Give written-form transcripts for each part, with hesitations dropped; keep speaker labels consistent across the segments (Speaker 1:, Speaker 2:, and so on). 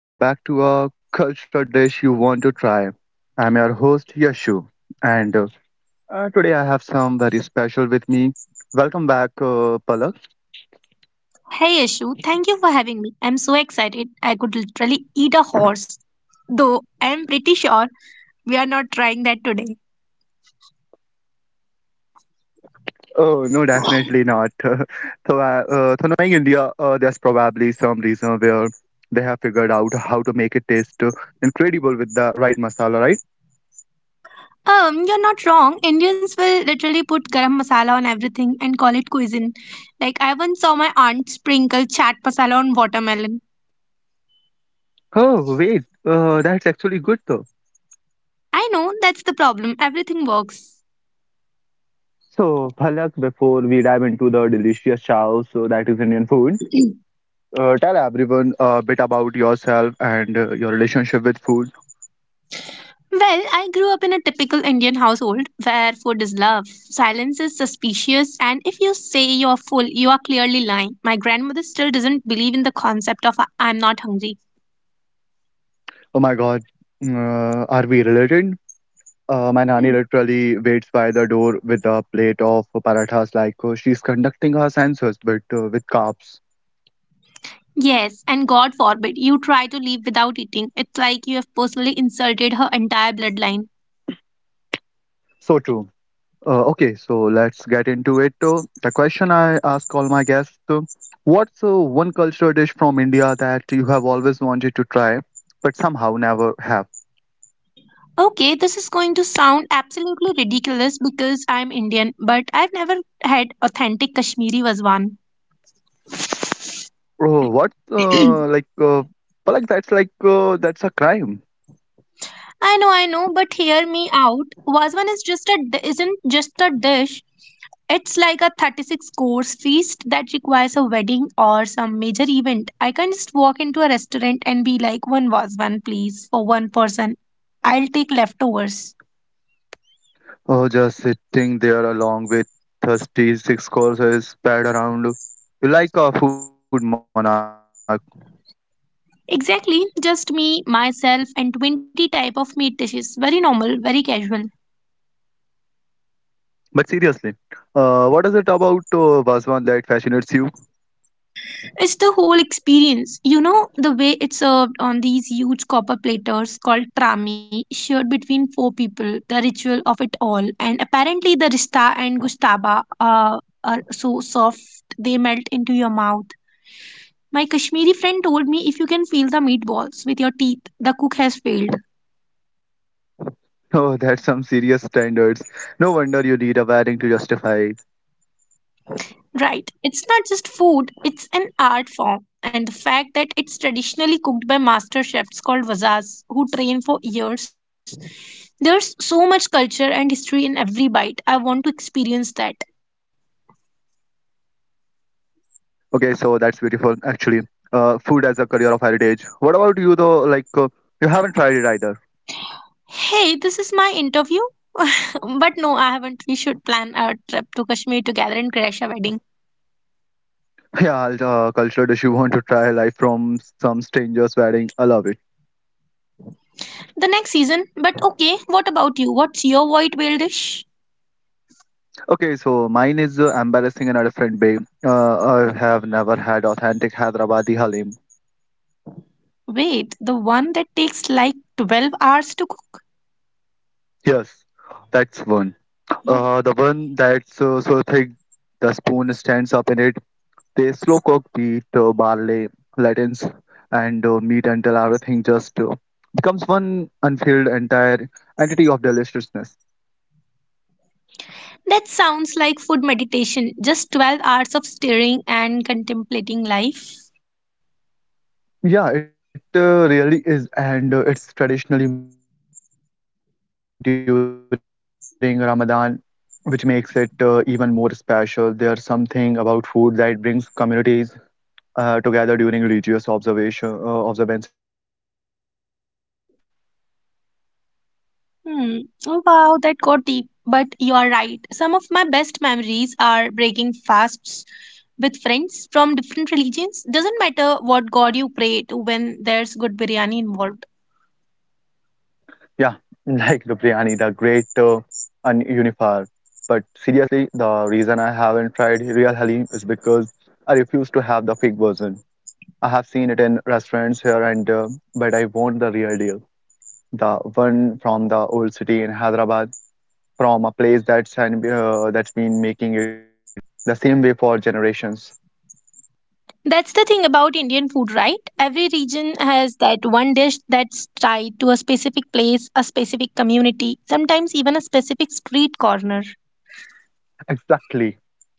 Speaker 1: Welcome back to A Cultural Dish You Want to Try. I'm your host Yashu, and today I have some very special with me. Welcome back, Palak.
Speaker 2: Hey Yashu, thank you for having me. I'm so excited. I could literally eat a horse. Though I'm pretty sure we are not trying that today.
Speaker 1: Oh no, definitely not. So knowing India, there's probably some reason where they have figured out how to make it taste incredible with the right masala, right?
Speaker 2: You're not wrong. Indians will literally put garam masala on everything and call it cuisine. Like I once saw my aunt sprinkle chaat masala on watermelon.
Speaker 1: Oh wait, that's actually good though.
Speaker 2: I know that's the problem. Everything works.
Speaker 1: So, Palak, before we dive into the delicious chow, so that is Indian food, tell everyone a bit about yourself and your relationship with food.
Speaker 2: Well, I grew up in a typical Indian household where food is love, silence is suspicious, and if you say you're full, you are clearly lying. My grandmother still doesn't believe in the concept of I'm not hungry."
Speaker 1: Oh my God, are we related? My nanny
Speaker 2: Hmm.
Speaker 1: literally waits by the door with a plate of parathas like she's conducting her census, but with carbs.
Speaker 2: Yes, and God forbid you try to leave without eating. It's like you have personally insulted her entire bloodline.
Speaker 1: So true. Okay, so let's get into it. The question I ask all my guests what's one culture dish from India that you have always wanted to try, but somehow never have?
Speaker 2: Okay, this is going to sound absolutely ridiculous because I'm Indian, but I've never had authentic Kashmiri Vazwan.
Speaker 1: Oh, what? But like that's a crime.
Speaker 2: I know, but hear me out. Vazwan is isn't just a dish. It's like a 36 course feast that requires a wedding or some major event. I can't just walk into a restaurant and be like, one Vazwan, please, for one person. I'll take leftovers.
Speaker 1: Oh, just sitting there along with thirsty six courses spread around you like a food monarch.
Speaker 2: Exactly, just me, myself, and 20 type of meat dishes. Very normal, very casual.
Speaker 1: But seriously, what is it about Vaswan that fascinates you?
Speaker 2: It's the whole experience. You know, the way it's served on these huge copper platters called trami, shared between four people, the ritual of it all. And apparently, the rista and gustaba are so soft, they melt into your mouth. My Kashmiri friend told me if you can feel the meatballs with your teeth, the cook has failed.
Speaker 1: Oh, that's some serious standards. No wonder you need a wedding to justify it.
Speaker 2: Right. It's not just food, it's an art form. And the fact that it's traditionally cooked by master chefs called Vazas who train for years. There's so much culture and history in every bite. I want to experience that.
Speaker 1: Okay, so that's beautiful, actually. Food as a career of heritage. What about you, though? You haven't tried it either.
Speaker 2: Hey, this is my interview. But no, I haven't. We should plan a trip to Kashmir together and crash a wedding.
Speaker 1: Yeah, I'll, cultural dish you want to try live from some stranger's wedding. I love it.
Speaker 2: The next season. But okay, what about you? What's your white whale dish?
Speaker 1: Okay, so mine is embarrassing in a different way. Uh, I have never had authentic Hyderabadi halim.
Speaker 2: Wait, the one that takes like 12 hours to cook?
Speaker 1: Yes, that's one. The one that's so thick the spoon stands up in it. They slow cook wheat, barley, lentils, and meat until everything just becomes one unfilled entire entity of deliciousness.
Speaker 2: That sounds like food meditation, just 12 hours of staring and contemplating life.
Speaker 1: Yeah, it really is, and it's traditionally made during Ramadan, which makes it even more special. There's something about food that brings communities together during religious observation observances. It's not just substances; it's communion.
Speaker 2: Hmm. Oh, wow, that got deep. But you are right. Some of my best memories are breaking fasts with friends from different religions. Doesn't matter what god you pray to when there's good biryani involved.
Speaker 1: Yeah, like the biryani, the great unifier. But seriously, the reason I haven't tried real halim is because I refuse to have the fake version. I have seen it in restaurants here and there, but I want the real deal. The one from the old city in Hyderabad, from a place that's been making it the same way for generations.
Speaker 2: That's the thing about Indian food, right? Every region has that one dish that's tied to a specific place, a specific community, sometimes even a specific street corner.
Speaker 1: Exactly.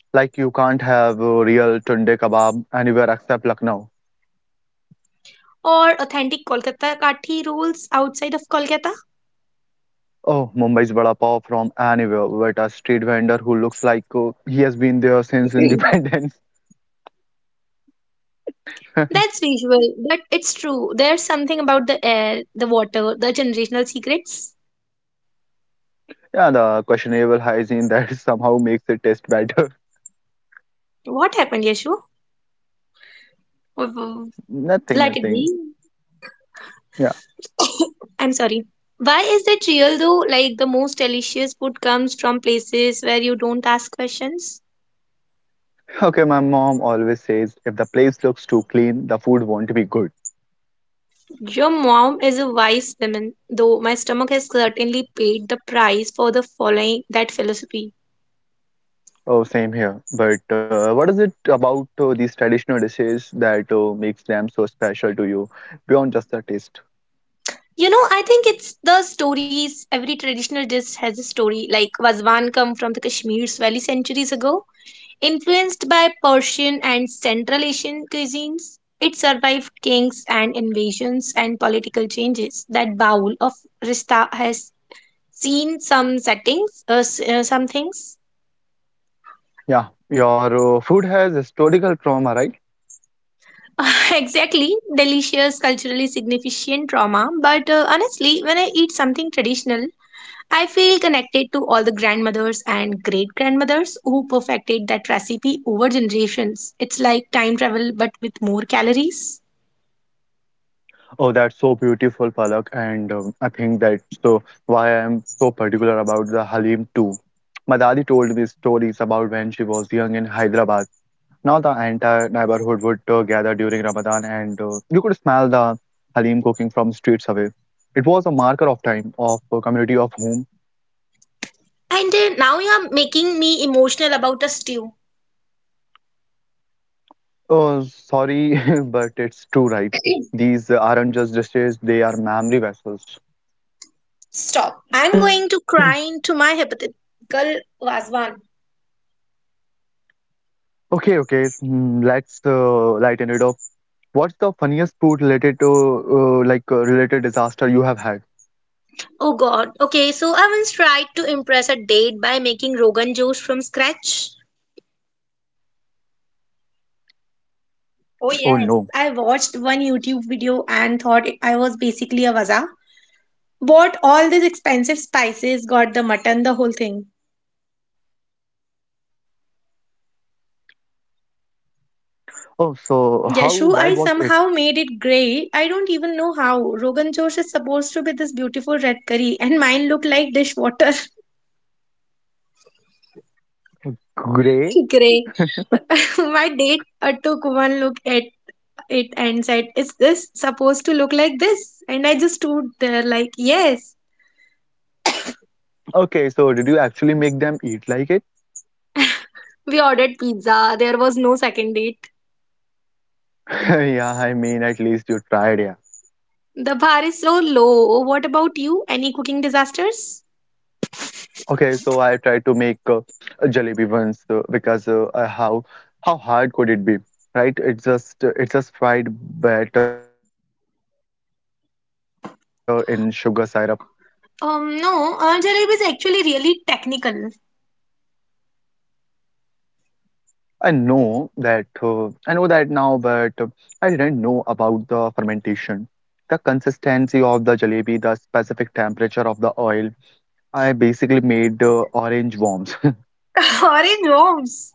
Speaker 1: Like you can't have a real tunde kebab anywhere except Lucknow.
Speaker 2: Or authentic Kolkata Kathi rolls outside of Kolkata?
Speaker 1: Oh, Mumbai's vada pav from anywhere, but a street vendor who looks like he has been there since independence.
Speaker 2: That's visual, but it's true. There's something about the air, the water, the generational secrets.
Speaker 1: Yeah, the questionable hygiene that somehow makes it taste better.
Speaker 2: What happened, Yashu? W- Let
Speaker 1: Nothing,
Speaker 2: it be.
Speaker 1: nothing. Yeah.
Speaker 2: I'm sorry. Why is that real though? Like the most delicious food comes from places where you don't ask questions.
Speaker 1: Okay, my mom always says if the place looks too clean, the food won't be good.
Speaker 2: Your mom is a wise woman, though my stomach has certainly paid the price for the following that philosophy.
Speaker 1: Oh, same here. But what is it about these traditional dishes that makes them so special to you beyond just the taste?
Speaker 2: You know, I think it's the stories. Every traditional dish has a story. Like Vazwan come from the Kashmir Valley centuries ago, influenced by Persian and Central Asian cuisines. It survived kings and invasions and political changes. That bowl of rista has seen some settings, some things.
Speaker 1: Yeah, your food has historical trauma, right?
Speaker 2: Exactly, delicious, culturally significant trauma. But honestly, when I eat something traditional, I feel connected to all the grandmothers and great grandmothers who perfected that recipe over generations. It's like time travel but with more calories.
Speaker 1: Oh, that's so beautiful, Palak, and I think that's why I'm so particular about the Halim too. My daddy told me stories about when she was young in Hyderabad. Now the entire neighborhood would gather during Ramadan, and you could smell the halim cooking from streets away. It was a marker of time, of a community of whom.
Speaker 2: And now you're making me emotional about the stew.
Speaker 1: Oh, sorry, but it's true, right? These aren't just dishes; they are memory vessels.
Speaker 2: Stop. I'm going to cry into my hypothetical Vazwan.
Speaker 1: Okay, okay. Let's lighten it up. What's the funniest food related to like related disaster you have had?
Speaker 2: Oh god. Okay, so I once tried to impress a date by making Rogan juice from scratch.
Speaker 1: Oh no.
Speaker 2: Oh, yes. I watched one YouTube video and thought I was basically a waza. Bought all these expensive spices, got the mutton, the whole thing.
Speaker 1: Oh, so how bad was it?
Speaker 2: Yashu, I somehow made it grey. I don't even know how. Rogan Josh is supposed to be this beautiful red curry, and mine looked like dishwater.
Speaker 1: Gray?
Speaker 2: Grey. My date took one look at it and said, "Is this supposed to look like this?" And I just stood there, like, "Yes."
Speaker 1: Okay, so did you actually make them eat like it?
Speaker 2: We ordered pizza. There was no second date.
Speaker 1: Yeah, I mean, at least you tried, yeah.
Speaker 2: The bar is so low. What about you? Any cooking disasters?
Speaker 1: Okay, so I tried to make a jalebi once because how hard could it be, right? It's just fried batter in sugar syrup.
Speaker 2: No, our jalebi is actually really technical.
Speaker 1: I know that now, but I didn't know about the fermentation, the consistency of the jalebi, the specific temperature of the oil. I basically made orange worms.
Speaker 2: Orange worms.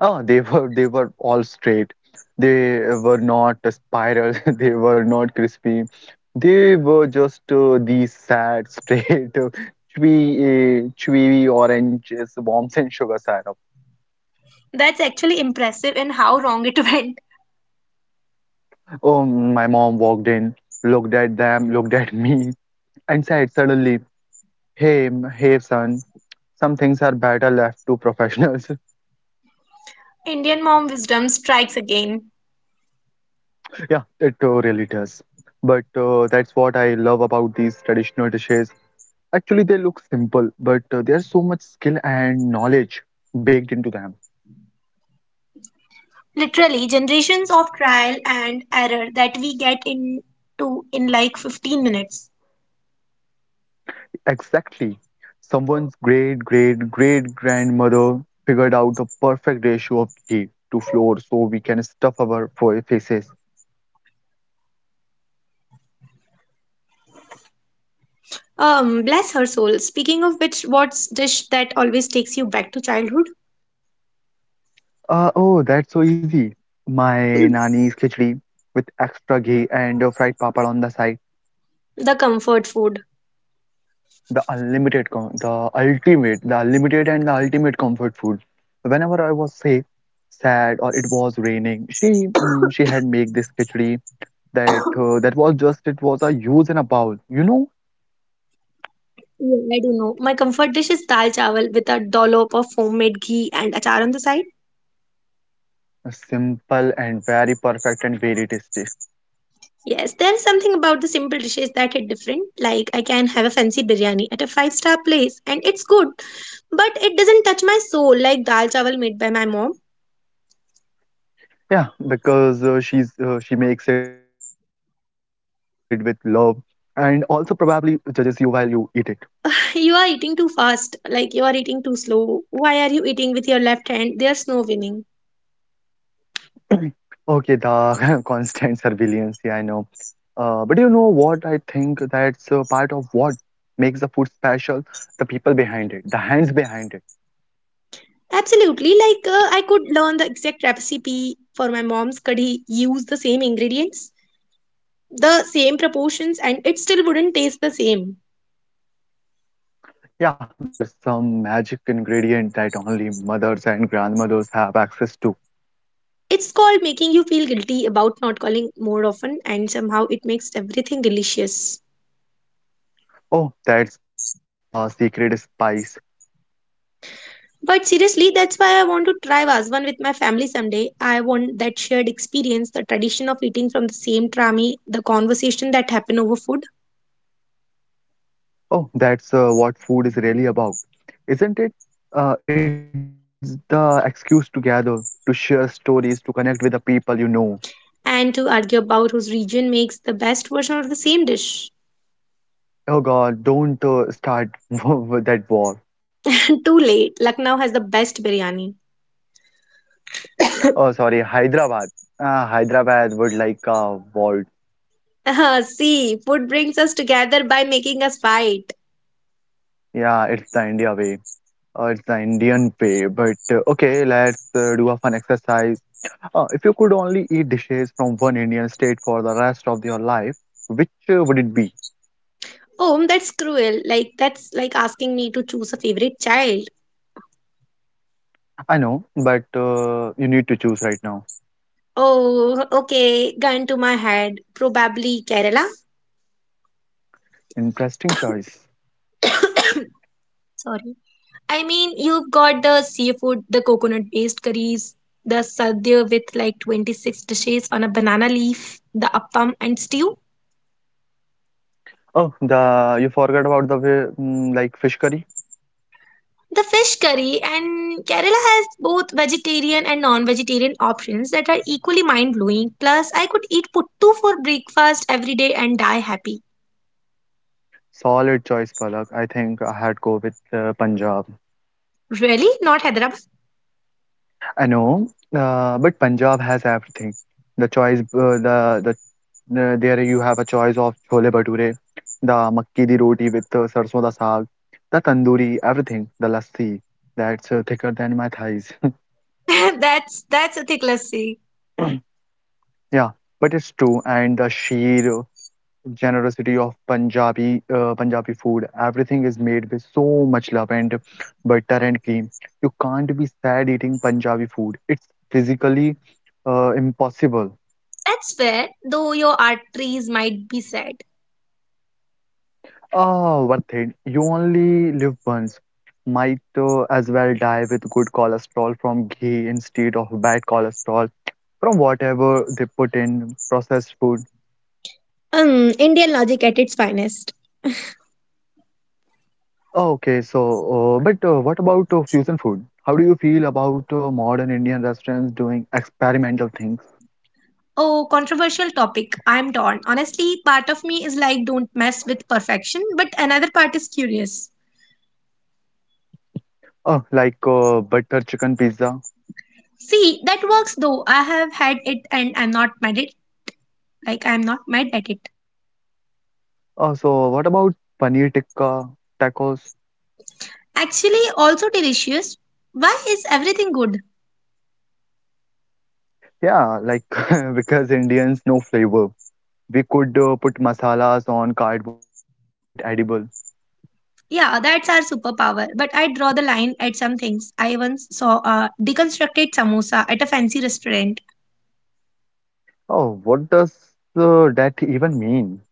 Speaker 1: Oh, they were all straight. They were not a spiral. They were not crispy. They were just these sad, straight, chewy, chewy oranges, worms and sugar syrup.
Speaker 2: That's actually impressive in how wrong it went.
Speaker 1: Oh, my mom walked in, looked at them, looked at me, and said suddenly, "Hey, hey, son, some things are better left to professionals."
Speaker 2: Indian mom wisdom strikes again.
Speaker 1: Yeah, it really does. But that's what I love about these traditional dishes. Actually, they look simple, but there's so much skill and knowledge baked into them.
Speaker 2: Literally, generations of trial and error that we get into in like 15 minutes.
Speaker 1: Exactly. Someone's great, great, great grandmother figured out the perfect ratio of ghee to flour so we can stuff our faces.
Speaker 2: Bless her soul. Speaking of which, what's dish that always takes you back to childhood?
Speaker 1: Oh, that's so easy. My nani's khichdi with extra ghee and fried papad on the side.
Speaker 2: The comfort food.
Speaker 1: The unlimited com- the ultimate the unlimited and the ultimate comfort food whenever I was sick, sad, or it was raining, she she had made this khichdi that that was just it was a use and a bowl, you know.
Speaker 2: Yeah, I don't know. My comfort dish is dal chawal with a dollop of homemade ghee and achar on the side.
Speaker 1: Simple and very perfect and very tasty.
Speaker 2: Yes, there is something about the simple dishes that hit different. Like I can have a fancy biryani at a five-star place and it's good, but it doesn't touch my soul like dal chawal made by my mom.
Speaker 1: Yeah, because she makes it with love and also probably judges you while you eat it.
Speaker 2: You are eating too fast, like you are eating too slow. Why are you eating with your left hand? There's no winning.
Speaker 1: Okay, the constant surveillance. Yeah, I know. But you know what? I think that's part of what makes the food special, the people behind it, the hands behind it.
Speaker 2: Absolutely, like I could learn the exact recipe for my mom's curry, use the same ingredients, the same proportions, and it still wouldn't taste the same.
Speaker 1: Yeah, there's some magic ingredient that only mothers and grandmothers have access to.
Speaker 2: It's called making you feel guilty about not calling more often, and somehow it makes everything delicious.
Speaker 1: Oh, that's the secret spice.
Speaker 2: But seriously, that's why I want to try Vazwan with my family someday. I want that shared experience, the tradition of eating from the same trami, the conversation that happen over food,
Speaker 1: Oh, that's what food is really about, isn't it? It's the excuse to gather, to share stories, to connect with the people you know.
Speaker 2: and to argue about whose region makes the best version of the same dish.
Speaker 1: Oh God, don't start with that war.
Speaker 2: And too late, Lucknow has the best biryani.
Speaker 1: Oh, sorry, Hyderabad. Hyderabad would like a vault.
Speaker 2: Ah, see, food brings us together by making us fight.
Speaker 1: Yeah, it's the India way. It's the Indian way. But okay, let's do a fun exercise. If you could only eat dishes from one Indian state for the rest of your life, which would it be?
Speaker 2: Oh, that's cruel. Like that's like asking me to choose a favorite child.
Speaker 1: I know, but you need to choose right now.
Speaker 2: Oh, okay, gun to my head. Probably Kerala.
Speaker 1: Interesting choice.
Speaker 2: Sorry. I mean, you've got the seafood, the coconut based curries, the sadhya with like 26 dishes on a banana leaf, the appam and stew,
Speaker 1: Oh, the you forgot about the way, like fish curry.
Speaker 2: the fish curry, and Kerala has both vegetarian and non vegetarian options that are equally mind blowing. Plus, I could eat puttu for breakfast every day and die happy.
Speaker 1: Solid choice, Palak. I think I had go with Punjab.
Speaker 2: Really? Not Hyderabad?
Speaker 1: I know, but Punjab has everything. The choice, uh, the there you have a choice of chole bhature, the makki di roti with sarson da saag, the tandoori, everything, the lassi that's thicker than my thighs.
Speaker 2: That's a thick lassi.
Speaker 1: Yeah, but it's true, and the sheer generosity of Punjabi food. Everything is made with so much love and butter and cream. You can't be sad eating Punjabi food. It's physically impossible.
Speaker 2: That's fair, though your arteries might be sad.
Speaker 1: Ah, worth it. You only live once. Might as well die with good cholesterol from ghee instead of bad cholesterol from whatever they put in processed food.
Speaker 2: Indian logic at its finest.
Speaker 1: Okay, so but what about fusion food? How do you feel about modern Indian restaurants doing experimental things?
Speaker 2: Oh, controversial topic. I'm torn. Honestly, part of me is like, don't mess with perfection, but another part is curious.
Speaker 1: Like butter chicken pizza.
Speaker 2: See, that works though. I have had it and I'm not mad it. Like, I'm not mad at it.
Speaker 1: So what about paneer tikka, tacos?
Speaker 2: Actually, also delicious. Why is everything good?
Speaker 1: Yeah, like because Indians know flavor. We could put masalas on cardboard and make it edible.
Speaker 2: Yeah, that's our superpower. But I draw the line at some things. I once saw a deconstructed samosa at a fancy restaurant.
Speaker 1: Oh, what does that even mean?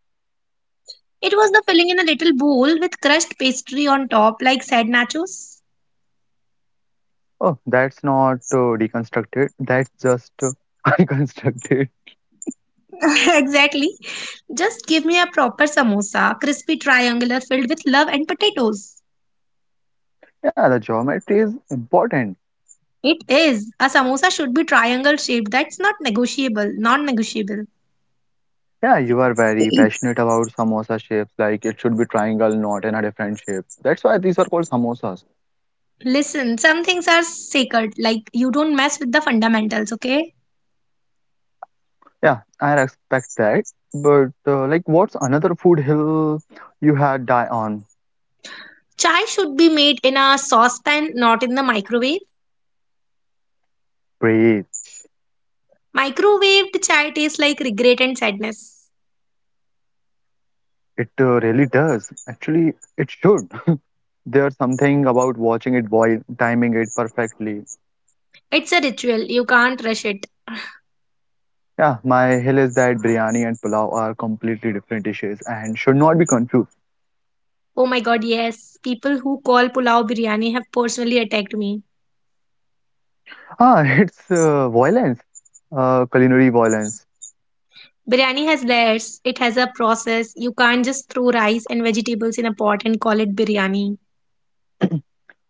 Speaker 2: It was the filling in a little bowl with crushed pastry on top, like sad nachos.
Speaker 1: Oh, that's not deconstructed. That's just unconstructed.
Speaker 2: Exactly. Just give me a proper samosa, crispy triangular filled with love and potatoes.
Speaker 1: Yeah, the geometry is important.
Speaker 2: It is. A samosa should be triangle shaped. That's not negotiable, non negotiable.
Speaker 1: Yeah, you are very passionate about samosa shapes. Like it should be triangle, not in a different shape. That's why these are called samosas.
Speaker 2: Listen, some things are sacred, like you don't mess with the fundamentals, okay?
Speaker 1: Yeah, I respect that. But like, what's another food hill you had die on?
Speaker 2: Chai should be made in a saucepan, not in the microwave.
Speaker 1: Breathe.
Speaker 2: Microwaved chai tastes like regret and sadness.
Speaker 1: It really does. Actually, it should. There's something about watching it boil, timing it perfectly.
Speaker 2: It's a ritual, you can't rush it.
Speaker 1: Yeah, my hill is that biryani and pulao are completely different dishes and should not be confused.
Speaker 2: Oh my god, yes. People who call pulao biryani have personally attacked me.
Speaker 1: Ah, it's violence, culinary violence.
Speaker 2: Biryani has layers, it has a process. You can't just throw rice and vegetables in a pot and call it biryani.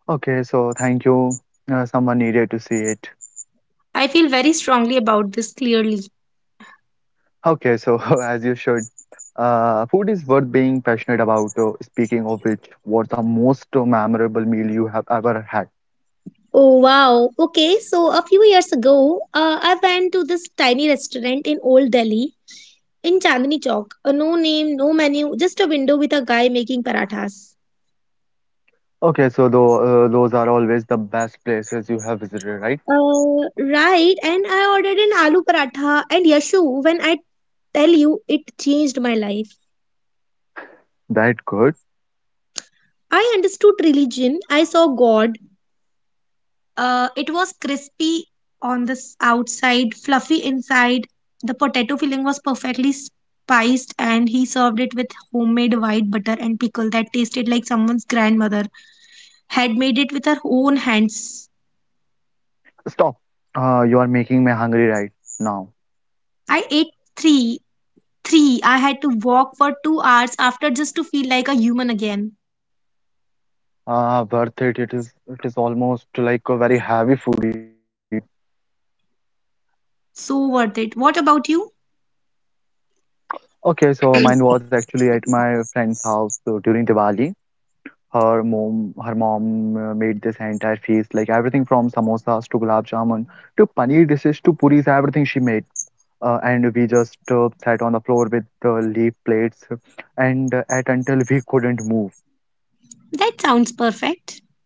Speaker 1: Okay, so thank you. Someone needed to see it.
Speaker 2: I feel very strongly about this clearly.
Speaker 1: Okay, so as you should. Food is worth being passionate about. Speaking of which, what's the most memorable meal you have ever had?
Speaker 2: Oh wow. Okay, so a few years ago, I went to this tiny restaurant in Old Delhi in Chandni Chowk. No name, no menu, just a window with a guy making parathas.
Speaker 1: Okay, so though, those are always the best places you have visited, right?
Speaker 2: Uh, right, and I ordered an aloo paratha and Yashu, when I tell you it changed my life.
Speaker 1: That good.
Speaker 2: I understood religion, I saw God. It was crispy on the outside, fluffy inside. The potato filling was perfectly spiced, and he served it with homemade white butter and pickle that tasted like someone's grandmother had made it with her own hands.
Speaker 1: Stop. You are making me hungry right now.
Speaker 2: I ate three. Three. I had to walk for 2 hours after just to feel like a human again.
Speaker 1: Worth it. It is. It is almost like a very heavy food you having.
Speaker 2: So worth it. What about you?
Speaker 1: Okay, so mine was actually at my friend's house during Diwali. Her mom made this entire feast, like everything from samosas to gulab jamun to paneer dishes to puris, everything she made. And we just sat on the floor with leaf plates and ate until we couldn't move.
Speaker 2: That sounds perfect.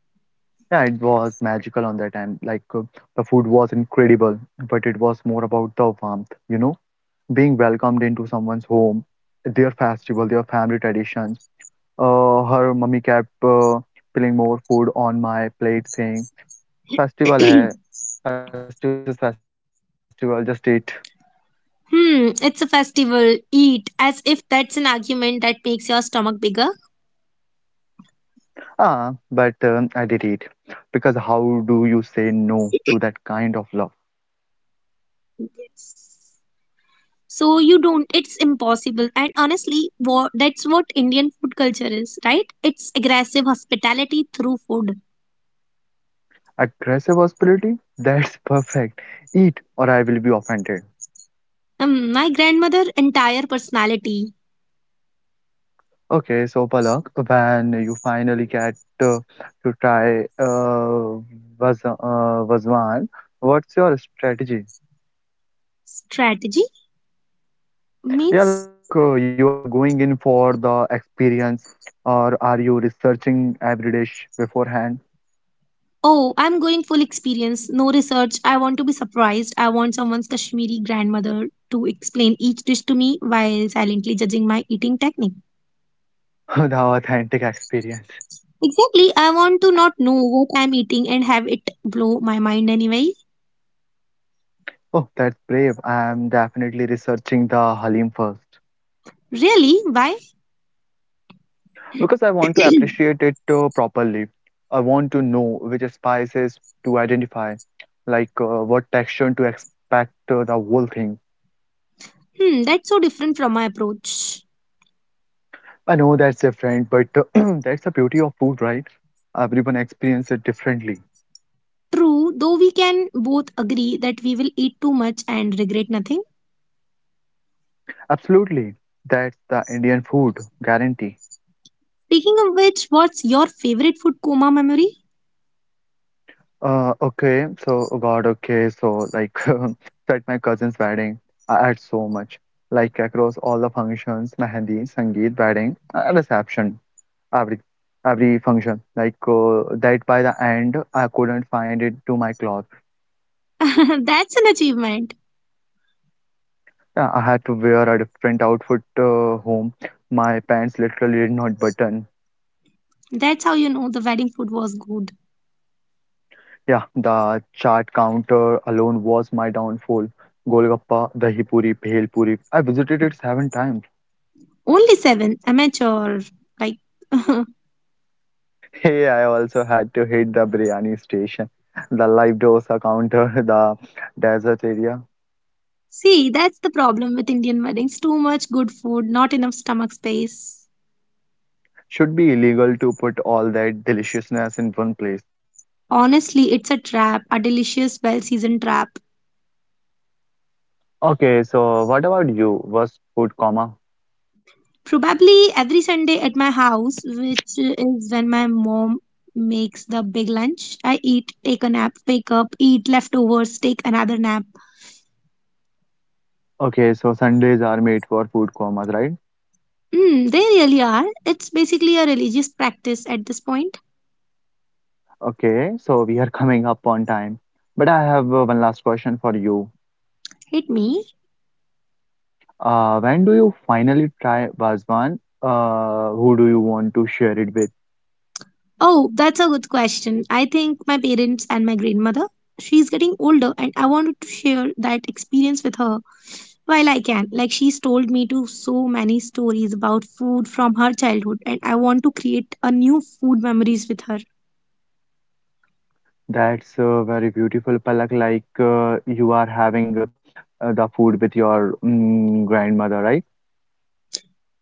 Speaker 1: Yeah, it was magical on that time. The food was incredible, but it was more about the warmth, you know, being welcomed into someone's home, their festival, their family traditions. Her mummy kept spilling more food on my plate, saying, Festival hai. Festival, this is festival, just eat.
Speaker 2: Hmm, it's a festival. Eat as if that's an argument that makes your stomach bigger.
Speaker 1: Ah, but I did eat. Because how do you say no to that kind of love?
Speaker 2: Yes. So you don't, it's impossible. And honestly, what, that's what Indian food culture is, right? It's aggressive hospitality through food.
Speaker 1: Aggressive hospitality? That's perfect. Eat or I will be offended.
Speaker 2: My grandmother' entire personality.
Speaker 1: Okay, so Palak, when you finally get to try vaz uh, Vazwan, what's your strategy?
Speaker 2: Strategy
Speaker 1: Yeah,
Speaker 2: means?
Speaker 1: you are going in for the experience, or are you researching every dish beforehand?
Speaker 2: Oh, I'm going full experience, no research. I want to be surprised. I want someone's Kashmiri grandmother to explain each dish to me while silently judging my eating technique.
Speaker 1: The authentic experience.
Speaker 2: Exactly, I want to not know what I'm eating and have it blow my mind anyway.
Speaker 1: Oh, that's brave. I'm definitely researching the Halim first
Speaker 2: Really? Why?
Speaker 1: because I want to appreciate it properly. I want to know which spices to identify, what texture to expect the whole thing.
Speaker 2: Hmm, that's so different from my approach.
Speaker 1: I know that's different, but that's the beauty of food, right? Everyone experiences it differently.
Speaker 2: True, though we can both agree that we will eat too much and regret nothing.
Speaker 1: Absolutely. That's the Indian food guarantee.
Speaker 2: Speaking of which, what's your favorite food coma memory?
Speaker 1: Okay, so oh God, okay, so like so at my cousin's wedding, I had so much like across all the functions, mehendi, sangeet, wedding, reception, every every function. That by the end, I couldn't find it to my cloth.
Speaker 2: That's an achievement.
Speaker 1: Yeah, I had to wear a different outfit home. My pants literally did not button.
Speaker 2: That's how you know the wedding food was good.
Speaker 1: Yeah, the chart counter alone was my downfall. Golgappa, dahi puri, bhel puri. I visited it seven times.
Speaker 2: Only seven, amateur. Like,
Speaker 1: Hey, I also had to hit the biryani station, the live dosa counter, the desert area.
Speaker 2: see, that's the problem with Indian weddings. Too much good food, not enough stomach space.
Speaker 1: Should be illegal to put all that deliciousness in one place.
Speaker 2: Honestly, it's a trap, a delicious, well seasoned trap.
Speaker 1: Okay, so what about you? Was food coma?
Speaker 2: Probably every Sunday at my house, which is when my mom makes the big lunch, I eat, take a nap, wake up, eat leftovers, take another nap.
Speaker 1: Okay, so Sundays are made for food comas, right?
Speaker 2: Mm, they really are. It's basically a religious practice at this point.
Speaker 1: Okay, so we are coming up on time. But I have one last question for you.
Speaker 2: Hit me.
Speaker 1: When do you finally try Bazwan? Who do you want to share it with?
Speaker 2: Oh, that's a good question. I think my parents and my grandmother. She's getting older, and I wanted to share that experience with her while I can. Like, she's told me to so many stories about food from her childhood, and I want to create a new food memories with her.
Speaker 1: That's very beautiful, Palak. You are having the food with your grandmother, right?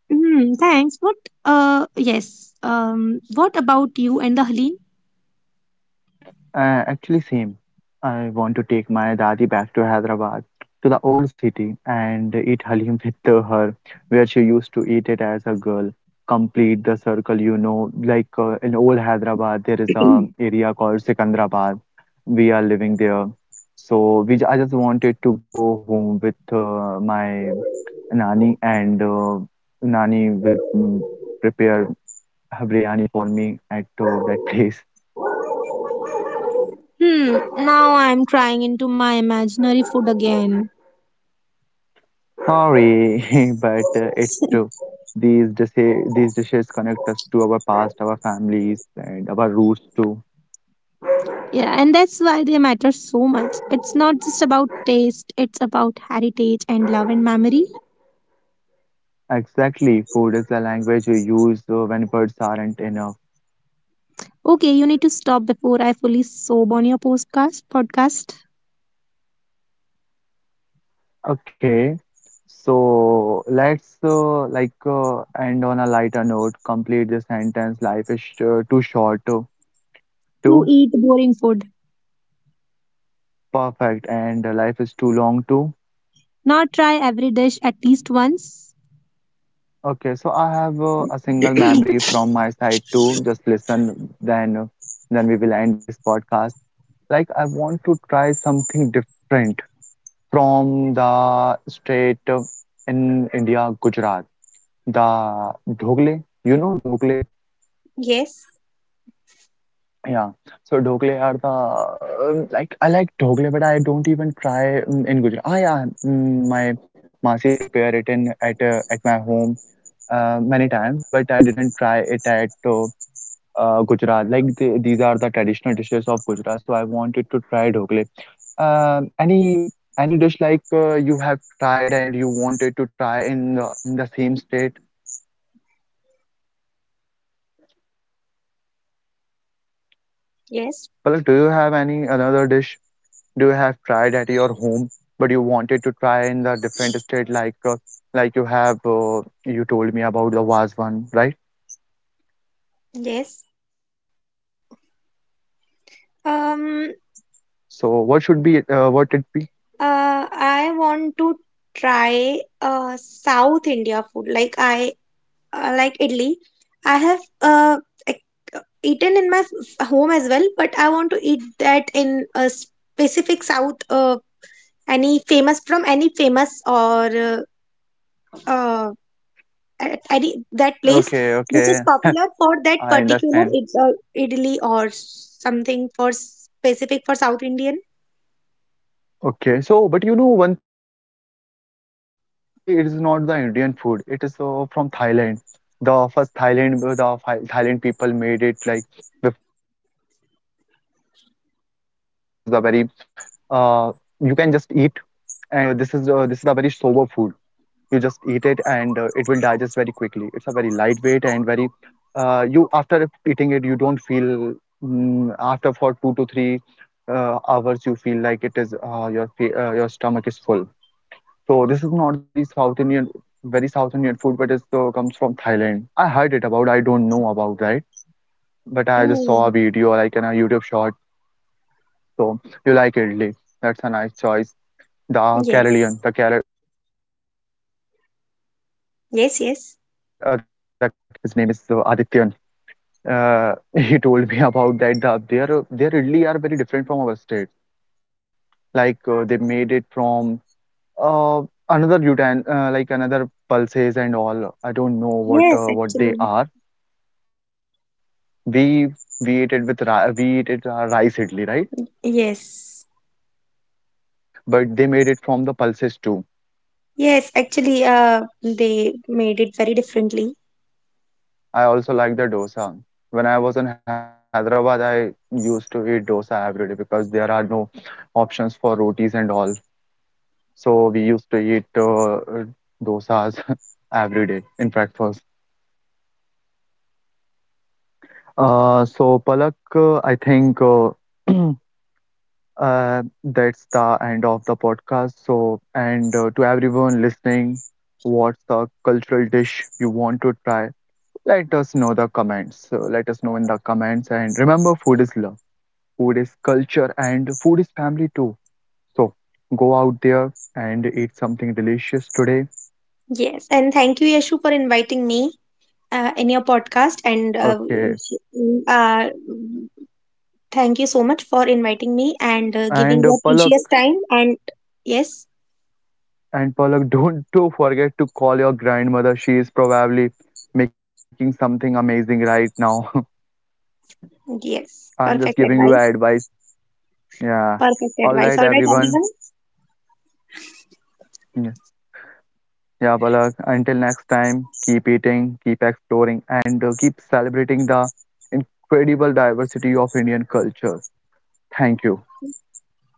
Speaker 2: Hmm, thanks. What, yes. What about you and the Helene?
Speaker 1: Actually, same. I want to take my dadi back to Hyderabad, to the old city, and eat halim with her, where she used to eat it as a girl. Complete the circle, you know, in old Hyderabad, there is a area called Sikandrabad. We are living there, so I just wanted to go home with my nani, and nani will prepare her biryani for me at that place.
Speaker 2: Hmm, now I'm crying into my imaginary food again.
Speaker 1: Sorry, but it's true. These dishes, connect us to our past, our families, and our roots too.
Speaker 2: Yeah, and that's why they matter so much. It's not just about taste, it's about heritage and love and memory.
Speaker 1: Exactly, food is the language we use when words aren't enough.
Speaker 2: Okay, you need to stop before I fully sob on your podcast.
Speaker 1: Okay, so let's end on a lighter note. Complete the sentence. Life is too short, too,
Speaker 2: To
Speaker 1: too
Speaker 2: eat boring food.
Speaker 1: perfect, and life is too long too.
Speaker 2: Not try every dish at least once.
Speaker 1: Okay, so I have a single memory from my side too. Just listen, then we will end this podcast. Like I want to try something different from the state of- in India, Gujarat, the Dhogle. You know Dhogle?
Speaker 2: Yes,
Speaker 1: Yeah. So Dhogle are the like I like Dhogle, but I don't even try in Gujarat. Ah, yeah, my Masi prepare it in at my home many times, but I didn't try it at. Gujarat. Like these are the traditional dishes of Gujarat. So I wanted to try dhokle. Uh, any any dish you have tried and you wanted to try in in the same state?
Speaker 2: yes,
Speaker 1: Palak, do you have any another dish do you have tried at your home but you wanted to try in the different state like you have you told me about the Vaz one, right?
Speaker 2: yes.
Speaker 1: So what should
Speaker 2: Um,
Speaker 1: be what it be?
Speaker 2: I want to try South India food. Like I like idli. I have like, eaten in my home as well, but I want to eat that in a specific South, any famous from any famous or uh, at any that
Speaker 1: Okay,
Speaker 2: place
Speaker 1: okay,
Speaker 2: which is popular for
Speaker 1: I
Speaker 2: that
Speaker 1: understand.
Speaker 2: particular it's idli or something for specific for South Indian.
Speaker 1: Okay, so but you know one thing I heard about the idli, like idli is not the Indian food. It is from Thailand. The first Thailand, Thailand people made it like before Indians. The Indians chose it. Like this is a very, uh, you can just eat, and this is a very sober food you just eat it and it will digest very quickly it's a very lightweight and very you after eating it you don't feel after for 2 to 3 hours you feel like it is your stomach is full so this is not the very south indian food but it comes from thailand I heard it about I don't know about right but
Speaker 2: Mm,
Speaker 1: I just saw a video like in a youtube short so you like idli that's a nice choice
Speaker 2: yes,
Speaker 1: the Carolian, the Kerala people used to eat, uh, used to
Speaker 2: yes,
Speaker 1: eat. One of
Speaker 2: yes,
Speaker 1: my friend named his name is Adityan. He told me about that. Their idli are very different from our state. They made it from uh, another utan another pulses and all. I don't
Speaker 2: yes.
Speaker 1: know
Speaker 2: Actually,
Speaker 1: what they are. We we ate it with we ate it rice idli, right?
Speaker 2: yes,
Speaker 1: But they made it from the pulses too
Speaker 2: yes. Actually, they made it very differently.
Speaker 1: I also like the dosa. When I was in Hyderabad, I used to eat dosa every day because there are no options for rotis and all. So we used to eat dosas every day in breakfast. So Palak, I think that's the end of the podcast. So, and to everyone listening, what's the cultural dish you want to try? Let us know the comments. So let us know in the comments, and remember, food is love. Food is culture and food is family too. So go out there and eat something delicious today.
Speaker 2: Yes, and thank you, Yashu, for inviting me in your podcast. And
Speaker 1: Okay.
Speaker 2: uh, thank you so much for inviting me and
Speaker 1: And
Speaker 2: giving your precious time. And yes,
Speaker 1: Palak, don't do forget to call your grandmother. She is probably making something amazing right now.
Speaker 2: yes,
Speaker 1: I'm just
Speaker 2: perfect
Speaker 1: giving you
Speaker 2: advice.
Speaker 1: advice. Yeah.
Speaker 2: Perfect
Speaker 1: All
Speaker 2: advice.
Speaker 1: right,
Speaker 2: All right,
Speaker 1: everyone.
Speaker 2: everyone.
Speaker 1: Yeah, yeah, Palak. Until next time, keep eating, keep exploring, and keep celebrating the incredible diversity of Indian culture. Thank you.
Speaker 2: Thank you.